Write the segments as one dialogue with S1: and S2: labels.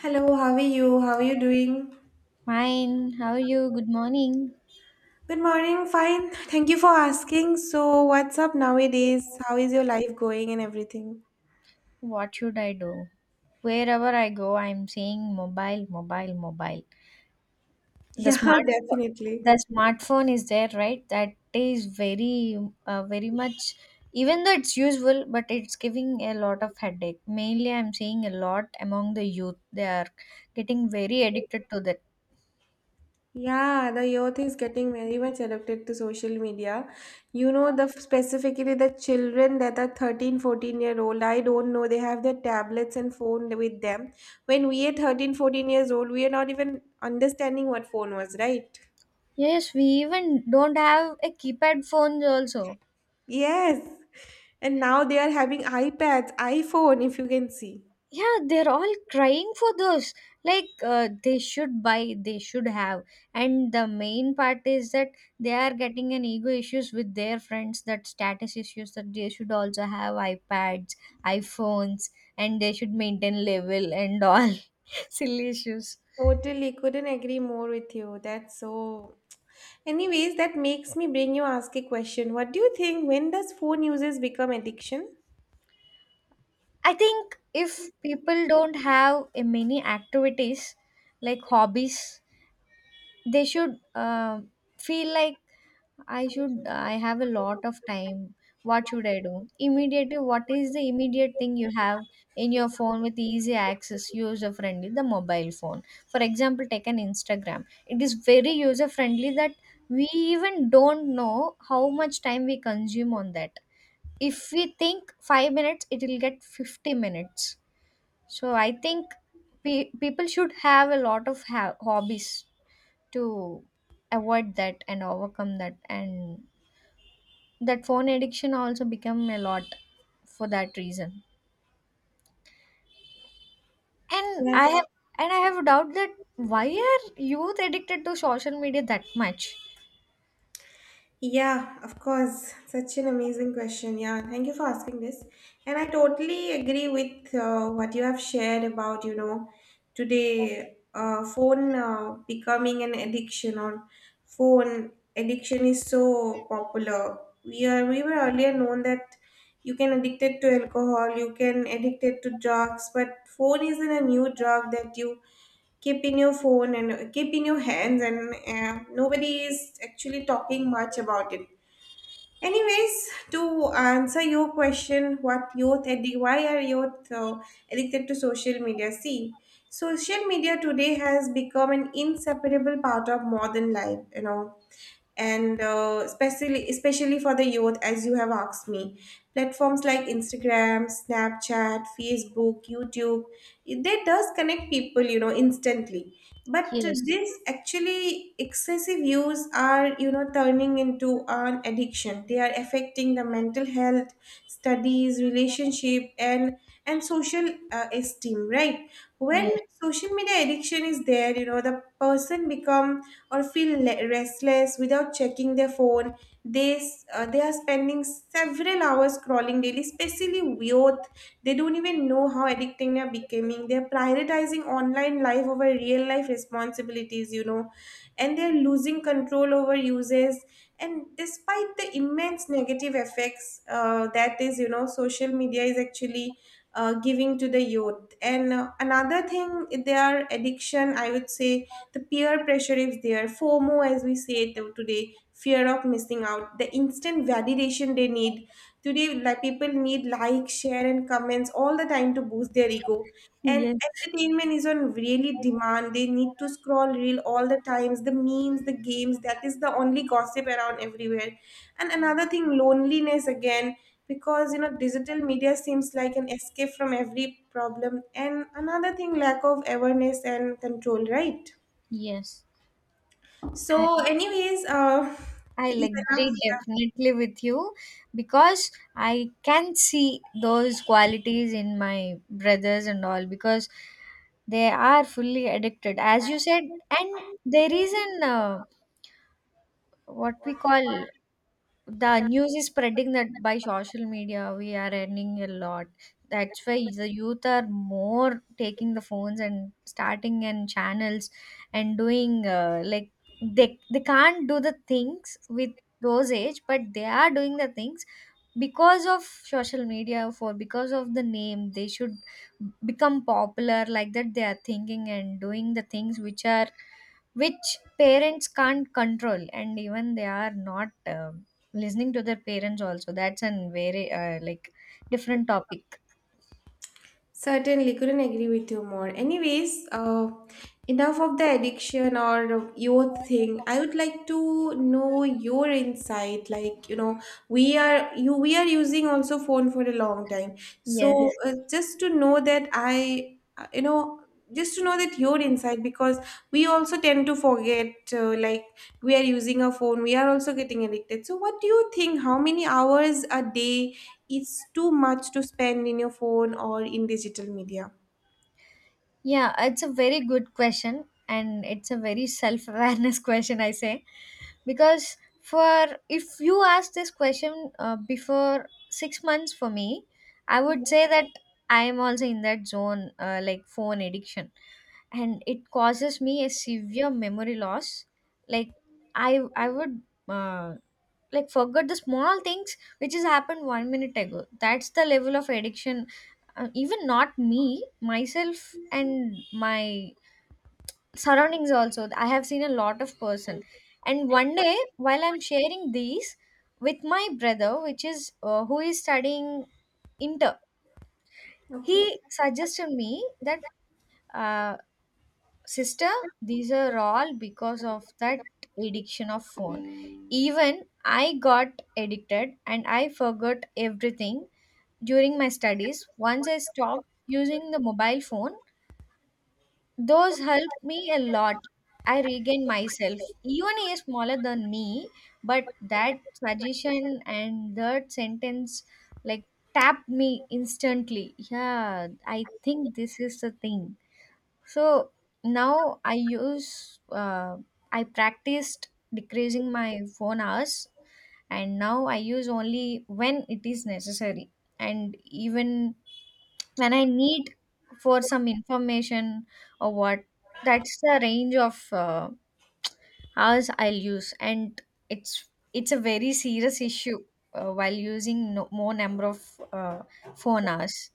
S1: Hello, how are you? How are you doing?
S2: Fine, how are you? Good morning.
S1: Good morning, fine. Thank you for asking. So, what's up nowadays? How is your life going and everything?
S2: What should I do? Wherever I go, I'm saying mobile, mobile, mobile. The
S1: Yeah,
S2: smart,
S1: definitely.
S2: the smartphone is there, right? That is very much. Even though it's useful, but it's giving a lot of headache. Mainly, I'm seeing a lot among the youth. They are getting very addicted to that.
S1: Yeah, the youth is getting very much addicted to social media. The specifically the children that are 13, 14 year old, I don't know, they have their tablets and phone with them. When we are 13, 14 years old, we are not even understanding what phone was, right?
S2: Yes, we even don't have a keypad phones also.
S1: Yes. And now they are having iPads, iPhone, if you can see.
S2: Yeah, they're all crying for those like they should have. And the main part is that they are getting an ego issues with their friends, that status issues that they should also have iPads, iPhones, and they should maintain level and all. Silly issues.
S1: Totally, couldn't agree more with you. That's so. Anyways, that makes me bring you ask a question. What do you think? When does phone users become addiction?
S2: I think if people don't have many activities like hobbies, they should feel like I should, I have a lot of time. What should I do immediately? What is the immediate thing you have in your phone with easy access, user friendly? The mobile phone. For example, take an Instagram. It is very user friendly that we even don't know how much time we consume on that. If we think 5 minutes, it will get 50 minutes. So I think people should have a lot of hobbies to avoid that and overcome that, and that phone addiction also become a lot for that reason. and i
S1: Yes.
S2: have and I have a doubt that why are youth addicted to social media that much?
S1: Yeah, of course. Such an amazing question. Yeah, thank you for asking this. And I totally agree with what you have shared about, today phone becoming an addiction or phone addiction is so popular. We were earlier known that you can addicted to alcohol, you can addicted to drugs, but phone isn't a new drug that you keep in your phone and keep in your hands, and nobody is actually talking much about it anyways. To answer your question, why are youth addicted to social media? See, social media today has become an inseparable part of modern life, you know. And especially for the youth, as you have asked me, platforms like Instagram, Snapchat, Facebook, YouTube, they does connect people, you know, instantly. But
S2: Yes,
S1: this actually excessive use are, you know, turning into an addiction. They are affecting the mental health, studies, relationship, and social esteem, right? When
S2: yes,
S1: social media addiction is there, you know, the person become or feel restless without checking their phone. They are spending several hours scrolling daily, especially youth. They don't even know how addicting they are becoming. They're prioritizing online life over real life responsibilities, you know, and they're losing control over uses. And despite the immense negative effects that is, you know, social media is actually giving to the youth, and another thing, their addiction, I would say, the peer pressure is there, FOMO, as we say it today, fear of missing out, the instant validation they need today. Like people need like, share and comments all the time to boost their ego. And
S2: yes.
S1: entertainment is on really demand. They need to scroll reel all the times, the memes, the games, that is the only gossip around everywhere. And another thing, loneliness again, because you know digital media seems like an escape from every problem. And another thing, lack of awareness and control, right?
S2: Yes, I,
S1: So, anyways, it
S2: I'll
S1: is enough.
S2: agree definitely with you because I can see those qualities in my brothers and all, because they are fully addicted, as you said. And there is an what we call, the news is spreading that by social media we are earning a lot. That's why the youth are more taking the phones and starting and channels and doing like they can't do the things with those age, but they are doing the things because of social media, for because of the name they should become popular, like that they are thinking and doing the things which are which parents can't control. And even they are not listening to their parents also. That's an very like different topic.
S1: Certainly, couldn't agree with you more. Anyways, enough of the addiction or your thing. I would like to know your insight. Like you know, we are using also phone for a long time. So
S2: Yes.
S1: just to know that you know, just to know that your insight, because we also tend to forget, like we are using a phone, we are also getting addicted. So what do you think, how many hours a day is too much to spend in your phone or in digital media?
S2: Yeah, it's a very good question, and it's a very self-awareness question, I say, because for if you ask this question before 6 months for me, I would say that I am also in that zone like phone addiction, and it causes me a severe memory loss. Like I would uh, like forget the small things which has happened 1 minute ago. That's the level of addiction. Even not me myself and my surroundings also, I have seen a lot of person. And one day while I'm sharing these with my brother, which is who is studying inter,
S1: Okay.
S2: he suggested me that uh, sister, these are all because of that addiction of phone. Even I got addicted and I forgot everything. During my studies, once I stopped using the mobile phone, those helped me a lot. I regained myself. Even he is smaller than me, but that suggestion and that sentence like tapped me instantly. Yeah, I think this is the thing. So now I use, I practiced decreasing my phone hours, and now I use only when it is necessary. And even when I need for some information or what, that's the range of hours I'll use. And it's, it's a very serious issue while using no, more number of phone hours.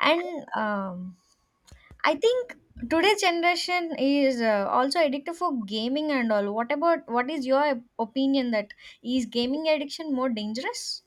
S2: And I think today's generation is also addicted for gaming and all. What about, what is your opinion that is gaming addiction more dangerous?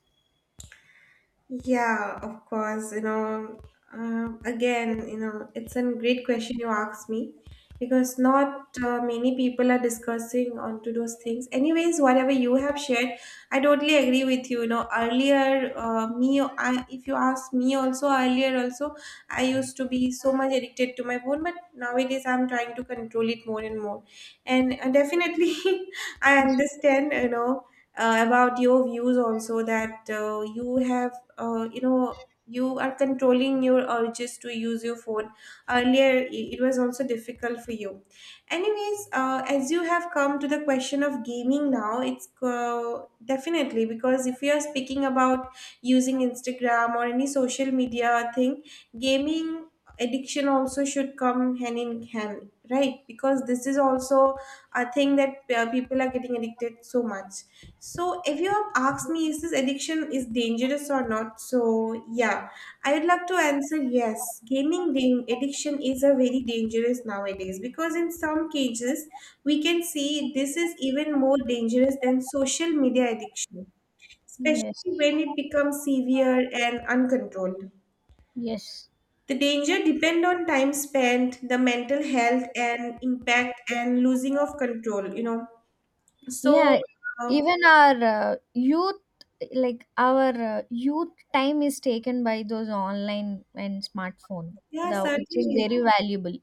S1: Yeah, of course. You know, again, you know, it's a great question you asked me, because not many people are discussing onto those things. Anyways, whatever you have shared, I totally agree with you. You know, earlier, if you ask me also earlier, also, I used to be so much addicted to my phone, but nowadays I'm trying to control it more and more. And definitely, I understand, you know, about your views also that you have uh, you know you are controlling your urges to use your phone. Earlier it was also difficult for you. Anyways, as you have come to the question of gaming now, it's definitely, because if you are speaking about using Instagram or any social media thing, gaming addiction also should come hand in hand, right? Because this is also a thing that people are getting addicted so much. So if you have asked me is this addiction is dangerous or not, so yeah, I would like to answer yes. Addiction is a very dangerous nowadays, because in some cases we can see this is even more dangerous than social media addiction, especially
S2: Yes,
S1: when it becomes severe and uncontrolled.
S2: yes.
S1: The danger depend on time spent, the mental health and impact and losing of control, you know. So
S2: Yeah,
S1: uh,
S2: even our youth, like our youth time is taken by those online and smartphone,
S1: yeah,
S2: the which is
S1: certainly.
S2: very valuable.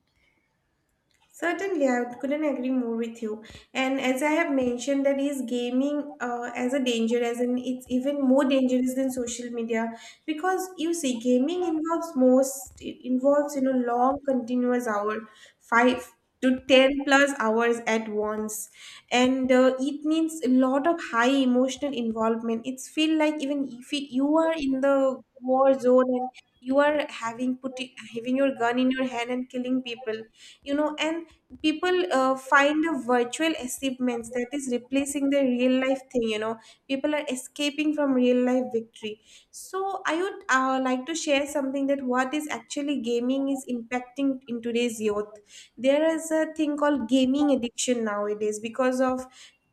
S1: Certainly, I couldn't agree more with you. And as I have mentioned, that is gaming as a danger, as in it's even more dangerous than social media, because you see, gaming involves most it involves, you know, long continuous hour, 5 to 10 plus hours at once, and it needs a lot of high emotional involvement. It's feel like even if it, you are in the war zone and you are having putting having your gun in your hand and killing people, you know. And people find a virtual achievements that is replacing the real life thing, you know. People are escaping from real life victory. So I would like to share something, that what is actually gaming is impacting in today's youth. There is a thing called gaming addiction nowadays, because of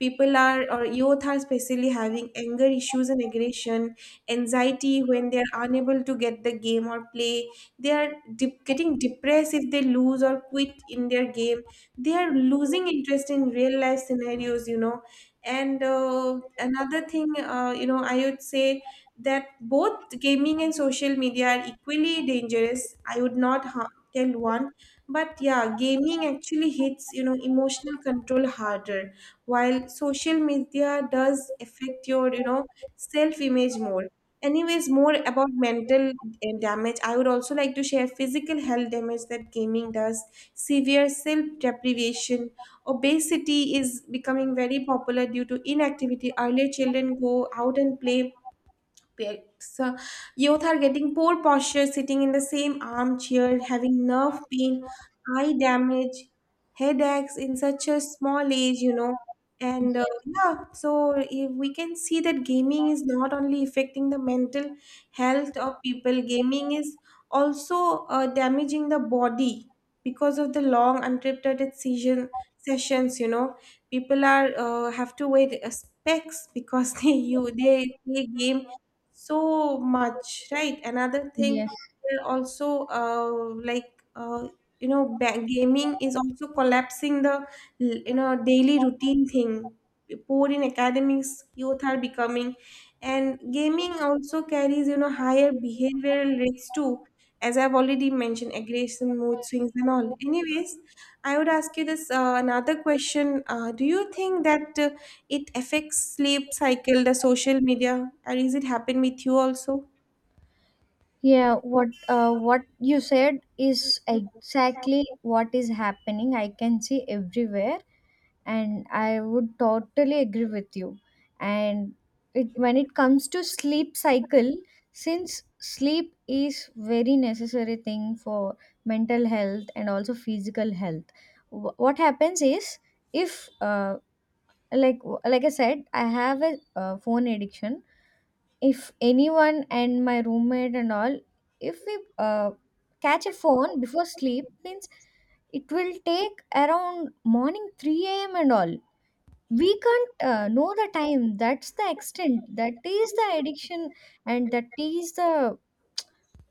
S1: people are or youth are especially having anger issues and aggression, anxiety when they are unable to get the game or play. They are getting depressed if they lose or quit in their game. They are losing interest in real life scenarios, you know. And another thing, I would say that both gaming and social media are equally dangerous. I would not tell one, but yeah, gaming actually hits, you know, emotional control harder, while social media does affect your, you know, self image more. Anyways, more about mental damage, I would also like to share physical health damage that gaming does, severe self deprivation. Obesity is becoming very popular due to inactivity. Earlier, children go out and play aspects. Youth are getting poor posture, sitting in the same armchair, having nerve pain, eye damage, headaches in such a small age, you know. And
S2: Yes,
S1: yeah, so if we can see that gaming is not only affecting the mental health of people, gaming is also damaging the body because of the long untreated season sessions, you know. People are have to wait specs because they play game so much, right? Another thing,
S2: yes,
S1: they're also gaming is also collapsing the, you know, daily routine thing. Poor in academics youth are becoming, and gaming also carries, you know, higher behavioral risks too, as I've already mentioned, aggression, mood swings and all. Anyways, I would ask you this another question, do you think that it affects sleep cycle, the social media, and is it happen with you also?
S2: yeah. What you said is exactly what is happening. I can see everywhere. And I would totally agree with you. And it, when it comes to sleep cycle, since sleep is very necessary thing for mental health and also physical health, what happens is if like like I said, I have a phone addiction. If anyone and my roommate and all, if we catch a phone before sleep means it will take around morning 3 a.m and all. We can't know the time. That's the extent, that is the addiction. And that is the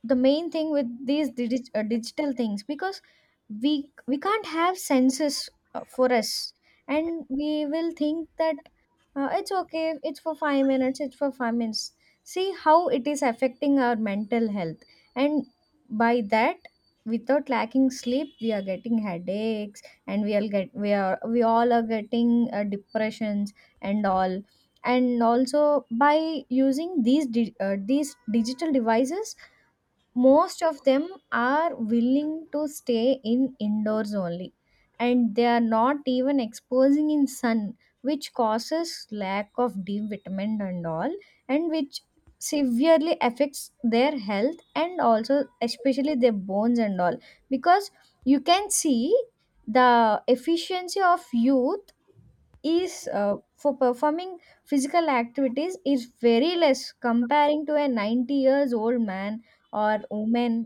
S2: the main thing with these digital things, because we can't have senses for us. And we will think that it's okay, it's for 5 minutes, it's for 5 minutes. See how it is affecting our mental health. And by that, without lacking sleep, we are getting headaches. And we all are getting depressions and all. And also, by using these these digital devices, most of them are willing to stay in indoors only, and they are not even exposing in sun, which causes lack of D vitamin and all. And which severely affects their health, and also especially their bones and all. Because you can see the efficiency of youth is for performing physical activities is very less comparing to a 90 years old man or woman.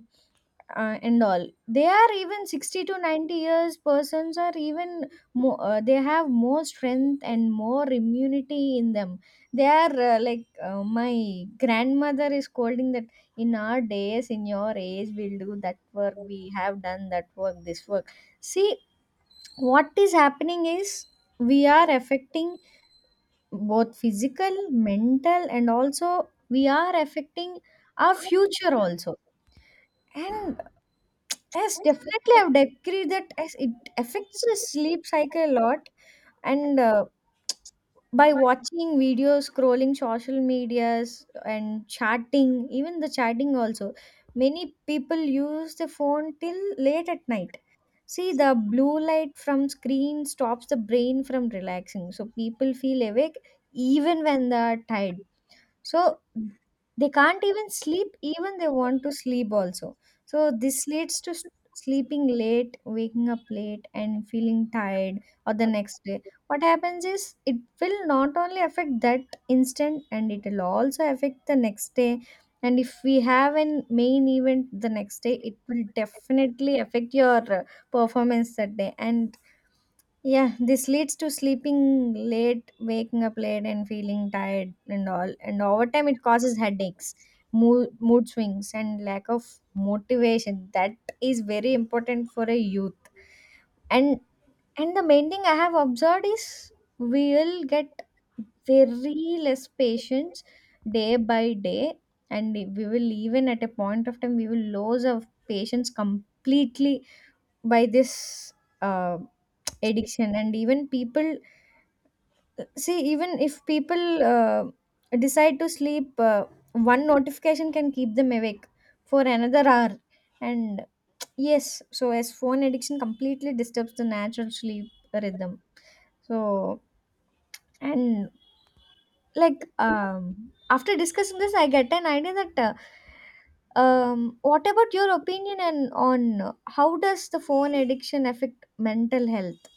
S2: And all, they are, even 60 to 90 years persons are even more they have more strength and more immunity in them. They are like my grandmother is scolding that in our days, in your age, we'll do that work, we have done that work, this work. See, what is happening is we are affecting both physical mental, and also we are affecting our future also. And yes, definitely I would agree that as it affects the sleep cycle a lot. And by watching videos, scrolling social medias, and chatting, even the chatting also, many people use the phone till late at night. See, the blue light from screen stops the brain from relaxing, so people feel awake even when they are tired. So they can't even sleep, even they want to sleep also. So this leads to sleeping late, waking up late, and feeling tired or the next day. What happens is it will not only affect that instant, and it will also affect the next day. And if we have an main event the next day, it will definitely affect your performance that day. And yeah, this leads to sleeping late, waking up late, and feeling tired and all. And over time, it causes headaches, mood swings, and lack of motivation. That is very important for a youth. And the main thing I have observed is we'll get very less patience day by day, and we will, even at a point of time, we will lose our patience completely by this uh, addiction. And even people, see, even if people decide to sleep, one notification can keep them awake for another hour. And yes, so as phone addiction completely disturbs the natural sleep rhythm. So, and like after discussing this, I get an idea that what about your opinion and on how does the phone addiction affect mental health?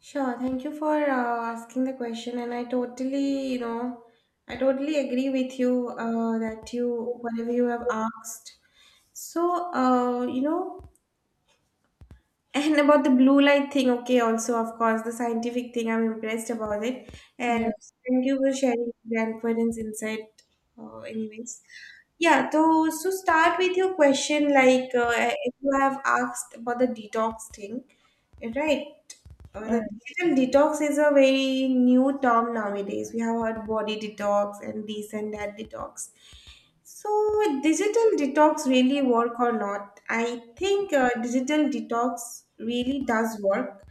S1: Sure, thank you for asking the question, and I totally, you know, I totally agree with you that you whatever you have asked. So, uh, you know, and about the blue light thing, okay, also, of course, the scientific thing, I'm impressed about it. And
S2: Yes.
S1: thank you for sharing grandparents' insight, anyways. Yeah, so start with your question, like if you have asked about the detox thing, right? The
S2: uh,
S1: digital detox is a very new term nowadays. We have heard body detox and this and that detox. So, would digital detox really work or not? I think digital detox really does work.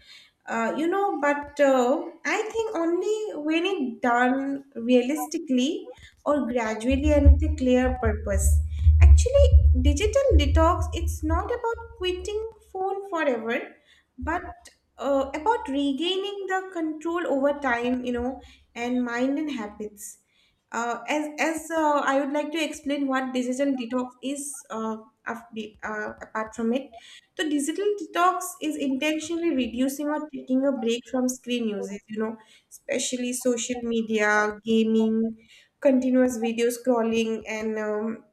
S1: You know, but I think only when it done realistically or gradually and with a clear purpose. Actually, digital detox, it's not about quitting phone forever, but about regaining the control over time, you know, and mind and habits, as I would like to explain what digital detox is, apart from it. So digital detox is intentionally reducing or taking a break from screen uses, you know, especially social media, gaming, continuous video scrolling, and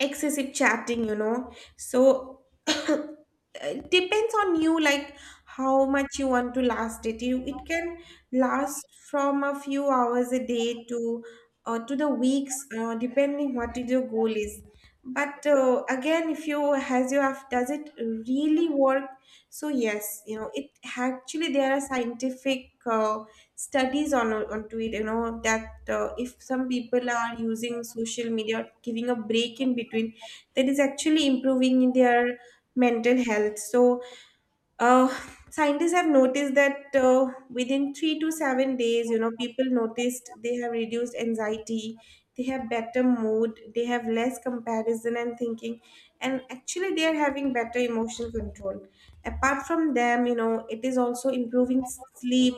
S1: excessive chatting, you know. So it depends on you, like how much you want to last it. You it can last from a few hours a day to the weeks, depending what is your goal is. But again, if you has you have, does it really work? So yes, you know, it actually there are scientific studies on onto it, you know, that if some people are using social media or giving a break in between, that is actually improving in their mental health. Uh, Scientists have noticed that within 3 to 7 days, you know, people noticed they have reduced anxiety, they have better mood, they have less comparison and thinking, and actually they are having better emotional control. Apart from them, you know, it is also improving sleep,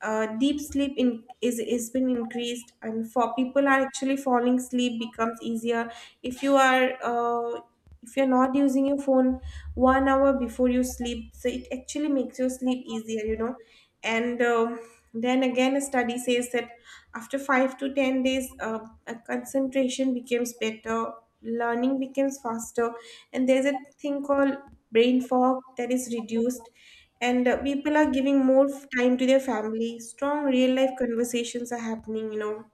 S1: deep sleep in, is been increased and for people are actually falling sleep becomes easier if you are if you're not using your phone 1 hour before you sleep, so it actually makes your sleep easier, you know. And Then again, a study says that after 5 to 10 days, a concentration becomes better, learning becomes faster, and there's a thing called brain fog that is reduced. And people are giving more time to their family, strong real life conversations are happening, you know,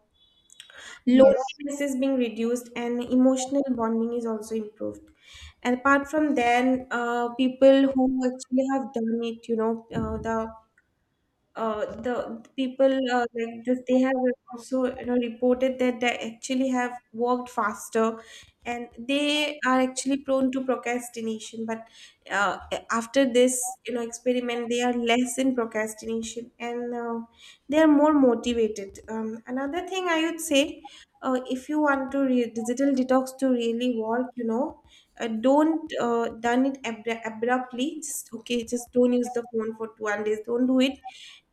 S2: yes,
S1: loneliness is being reduced and emotional bonding is also improved. And apart from then, people who actually have done it, you know, the people like this, they have also, you know, reported that they actually have worked faster, and they are actually prone to procrastination, but uh, after this, you know, experiment, they are less in procrastination, and they are more motivated. Another thing I would say, if you want to digital detox to really work, you know, don't done it abruptly. Just okay, just don't use the phone for 2 days, don't do it.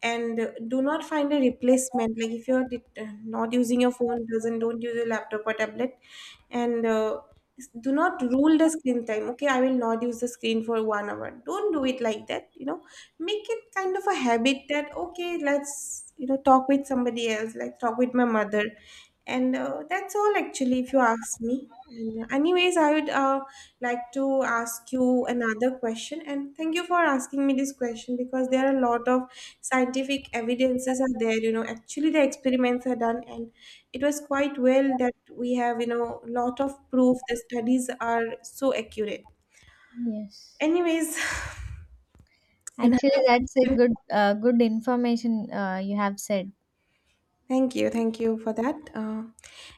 S1: And do not find a replacement, like if you're not using your phone, doesn't don't use your laptop or tablet. And do not rule the screen time, okay I will not use the screen for 1 hour, don't do it like that, you know. Make it kind of a habit that, okay, let's, you know, talk with somebody else, like talk with my mother. And that's all actually, if you ask me. And anyways, I would like to ask you another question. And thank you for asking me this question, because there are a lot of scientific evidences are there. You know, actually the experiments are done, and it was quite well that we have, you know, lot of proof. The studies are so accurate.
S2: yes.
S1: Anyways.
S2: Actually, that's a good information you have said.
S1: Thank you for that.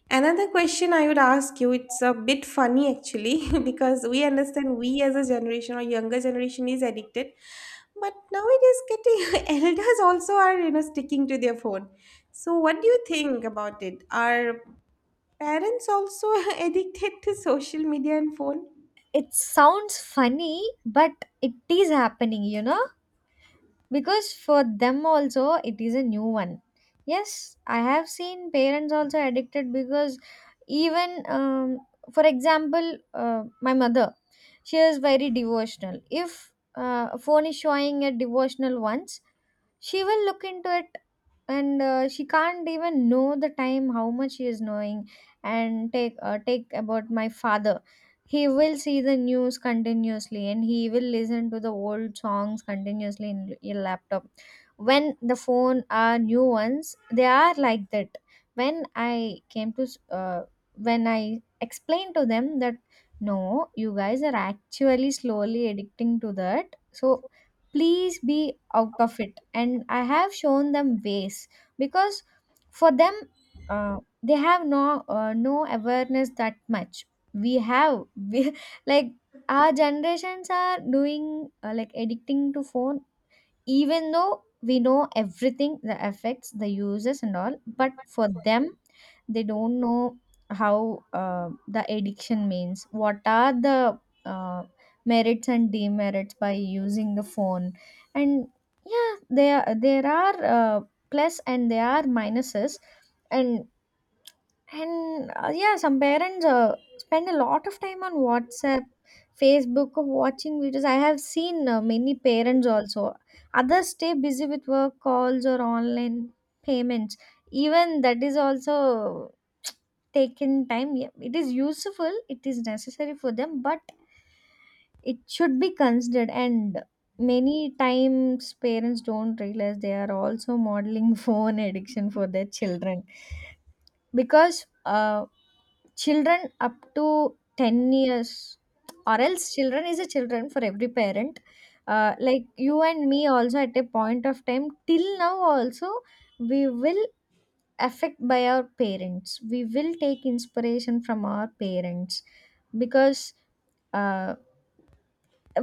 S1: Another question I would ask you, it's a bit funny actually, because we understand we as a generation or younger generation is addicted, but nowadays getting elders also are, you know, sticking to their phone. So what do you think about it? Are parents also addicted to social media and phone?
S2: It sounds funny, but it is happening, you know? Because for them also it is a new one. Yes, I have seen parents also addicted, because even for example my mother, she is very devotional. If a phone is showing a devotional once, she will look into it. And she can't even know the time how much she is knowing. And take about my father, he will see the news continuously, and he will listen to the old songs continuously in your laptop. When the phone are new ones, they are like that. When i came to s- uh, when i explained to them that no, you guys are actually slowly addicting to that, so please be out of it. And I have shown them ways, because for them uh, they have no awareness that much. We have we, like our generations are doing like addicting to phone. Even though we know everything, the effects, the uses and all, but for them they don't know how the addiction means, what are the uh, merits and demerits by using the phone. And yeah, there are plus and there are minuses. And and yeah, some parents spend a lot of time on WhatsApp, Facebook, or watching videos. I have seen many parents also. Others stay busy with work calls or online payments. Even that is also taken time. Yeah, it is useful, it is necessary for them, but it should be considered. And many times, parents don't realize they are also modeling phone addiction for their children. Because children up to 10 years, or else children is a children for every parent. Like you and me also, at a point of time till now also, we will affect by our parents. We will take inspiration from our parents because uh,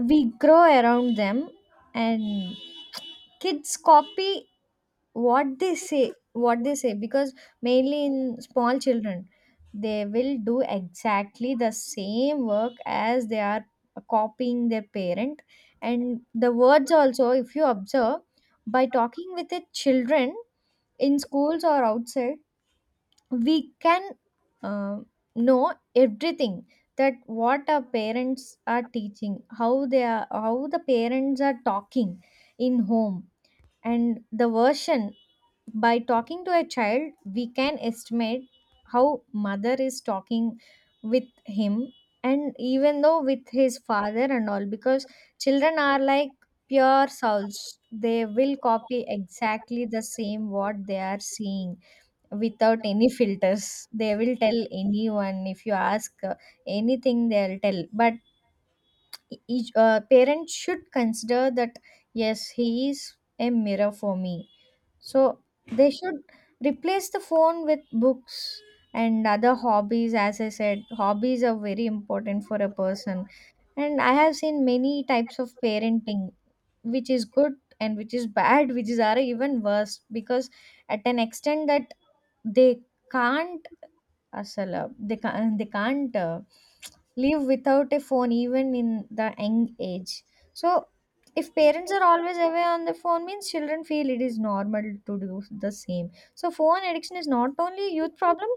S2: we grow around them. And kids copy what they say, what they say, because mainly in small children they will do exactly the same work as they are copying their parent. And the words also, if you observe, by talking with the children in schools or outside, we can uh, know everything that what our parents are teaching, how they are, how the parents are talking in home. And the version, by talking to a child we can estimate how mother is talking with him, and even though with his father and all. Because children are like pure souls, they will copy exactly the same what they are seeing without any filters. They will tell anyone, if you ask anything, they'll tell. But each parent should consider that yes, he is a mirror for me. So they should replace the phone with books and other hobbies. As I said, hobbies are very important for a person. And I have seen many types of parenting, which is good and which is bad, which is are even worse. Because at an extent that they can't, absolutely they can't live without a phone even in the young age. So, if parents are always away on the phone, means children feel it is normal to do the same. So, phone addiction is not only a youth problem;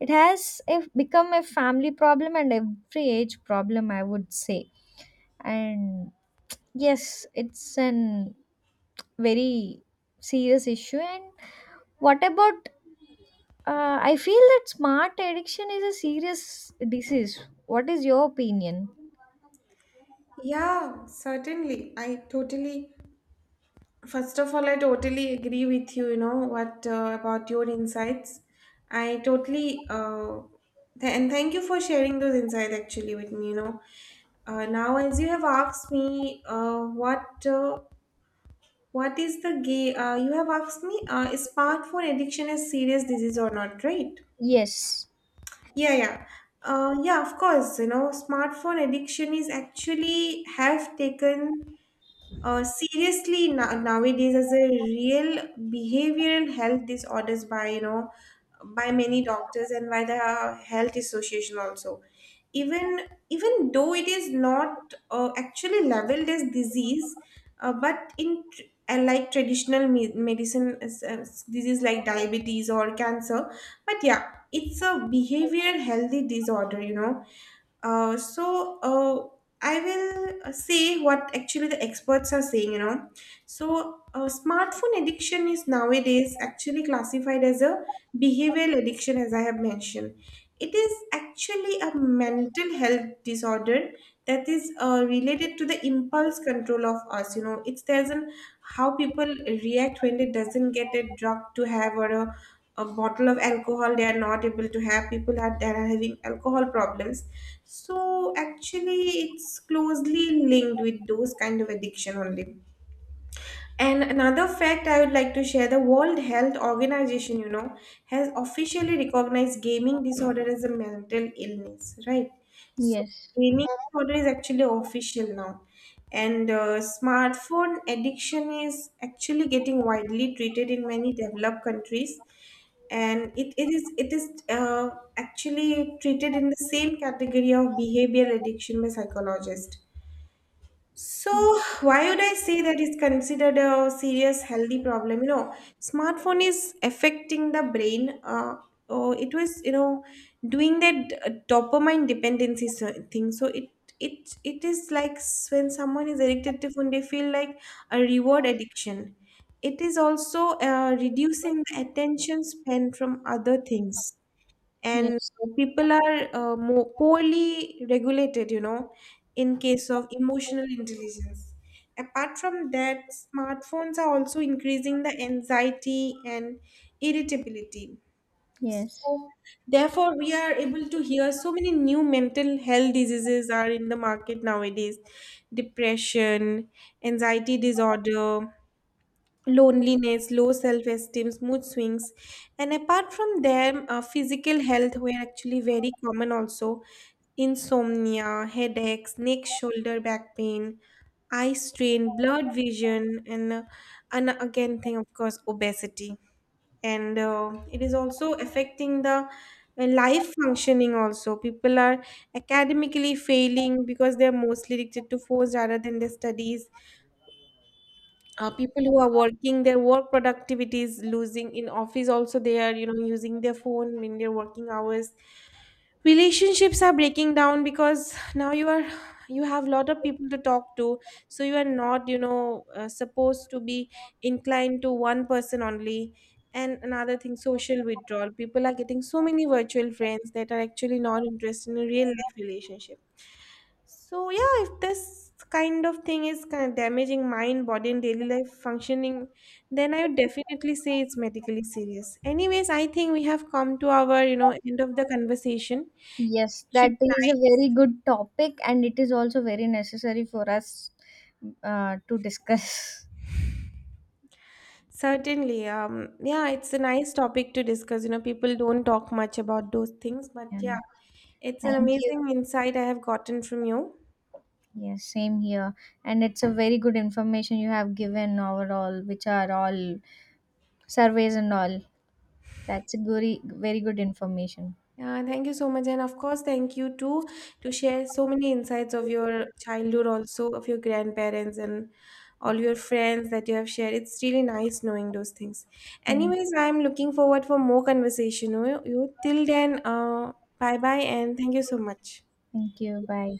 S2: it has a, become a family problem and every age problem, I would say. And yes, it's an very serious issue. And what about I feel that smart addiction is a serious disease. What is your opinion?
S1: Yeah, certainly. I totally First of all, I totally agree with you, you know, what about your insights. I totally, and thank you for sharing those insights actually with me, you know. Now, as you have asked me, what is the gay, you have asked me, is smartphone addiction a serious disease or not, right?
S2: Yes,
S1: Yeah, yeah. Yeah, of course, you know, smartphone addiction is actually have taken seriously, nowadays, as a real behavioral health disorders by, you know, by many doctors and by the health association also. Even Even though it is not actually labeled as disease, but in tr- and like traditional medicine is, disease like diabetes or cancer, but yeah, it's a behavioral healthy disorder. You know, uh, so uh, I will say what actually the experts are saying, you know. So smartphone addiction is nowadays actually classified as a behavioral addiction, as I have mentioned. It is actually a mental health disorder that is related to the impulse control of us. You know, it's there's an how people react when they doesn't get a drug to have, or a bottle of alcohol they are not able to have. People are that are having alcohol problems, so actually, it's closely linked with those kind of addiction only. And another fact I would like to share, the World Health Organization, you know, has officially recognized gaming disorder as a mental illness, right? So,
S2: yes,
S1: gaming disorder is actually official now. And smartphone addiction is actually getting widely treated in many developed countries. And it is actually treated in the same category of behavioral addiction by psychologists. So, why would I say that is considered a serious healthy problem? You know, smartphone is affecting the brain. Oh, it was, you know, doing that dopamine dependency thing. So it is like when someone is addicted to phone, they feel like a reward addiction. It is also reducing the attention span from other things, and
S2: yes,
S1: people are more poorly regulated, you know, in case of emotional intelligence. Apart from that, smartphones are also increasing the anxiety and irritability.
S2: yes.
S1: So therefore, we are able to hear so many new mental health diseases are in the market nowadays: depression, anxiety disorder, loneliness, low self esteem, mood swings. And apart from them, physical health were actually very common also. Insomnia, headaches, neck, shoulder, back pain, eye strain, blurred vision, and, and again, thing of course, obesity. And it is also affecting the life functioning also. People are academically failing because they're mostly addicted to phones rather than their studies. People who are working, their work productivity is losing in office, also they are, you know, using their phone in their working hours. Relationships are breaking down because now you are, you have lot of people to talk to, so you are not, you know, supposed to be inclined to one person only. And another thing, social withdrawal, people are getting so many virtual friends that are actually not interested in a real life relationship. So yeah, if this kind of thing is kind of damaging mind, body and daily life functioning, then I would definitely say it's medically serious. Anyways, I think we have come to our, you know, end of the conversation
S2: Yes,
S1: should
S2: that is a
S1: be
S2: very good topic, and it is also very necessary for us to discuss.
S1: nice. Certainly. Yeah, it's a nice topic to discuss. You know, people don't talk much about those things, but yeah,
S2: And
S1: it's an
S2: thank you.
S1: amazing insight I have gotten from you.
S2: Yes, same here. And it's a very good information you have given overall, which are all surveys and all. That's a very, very good information.
S1: Yeah, thank you so much. And of course, thank you too to share so many insights of your childhood, also of your grandparents and all your friends that you have shared. It's really nice knowing those things.
S2: Thank
S1: Anyways, I'm looking forward for more conversation. You till then, bye bye, and thank you so much.
S2: thank you. Bye.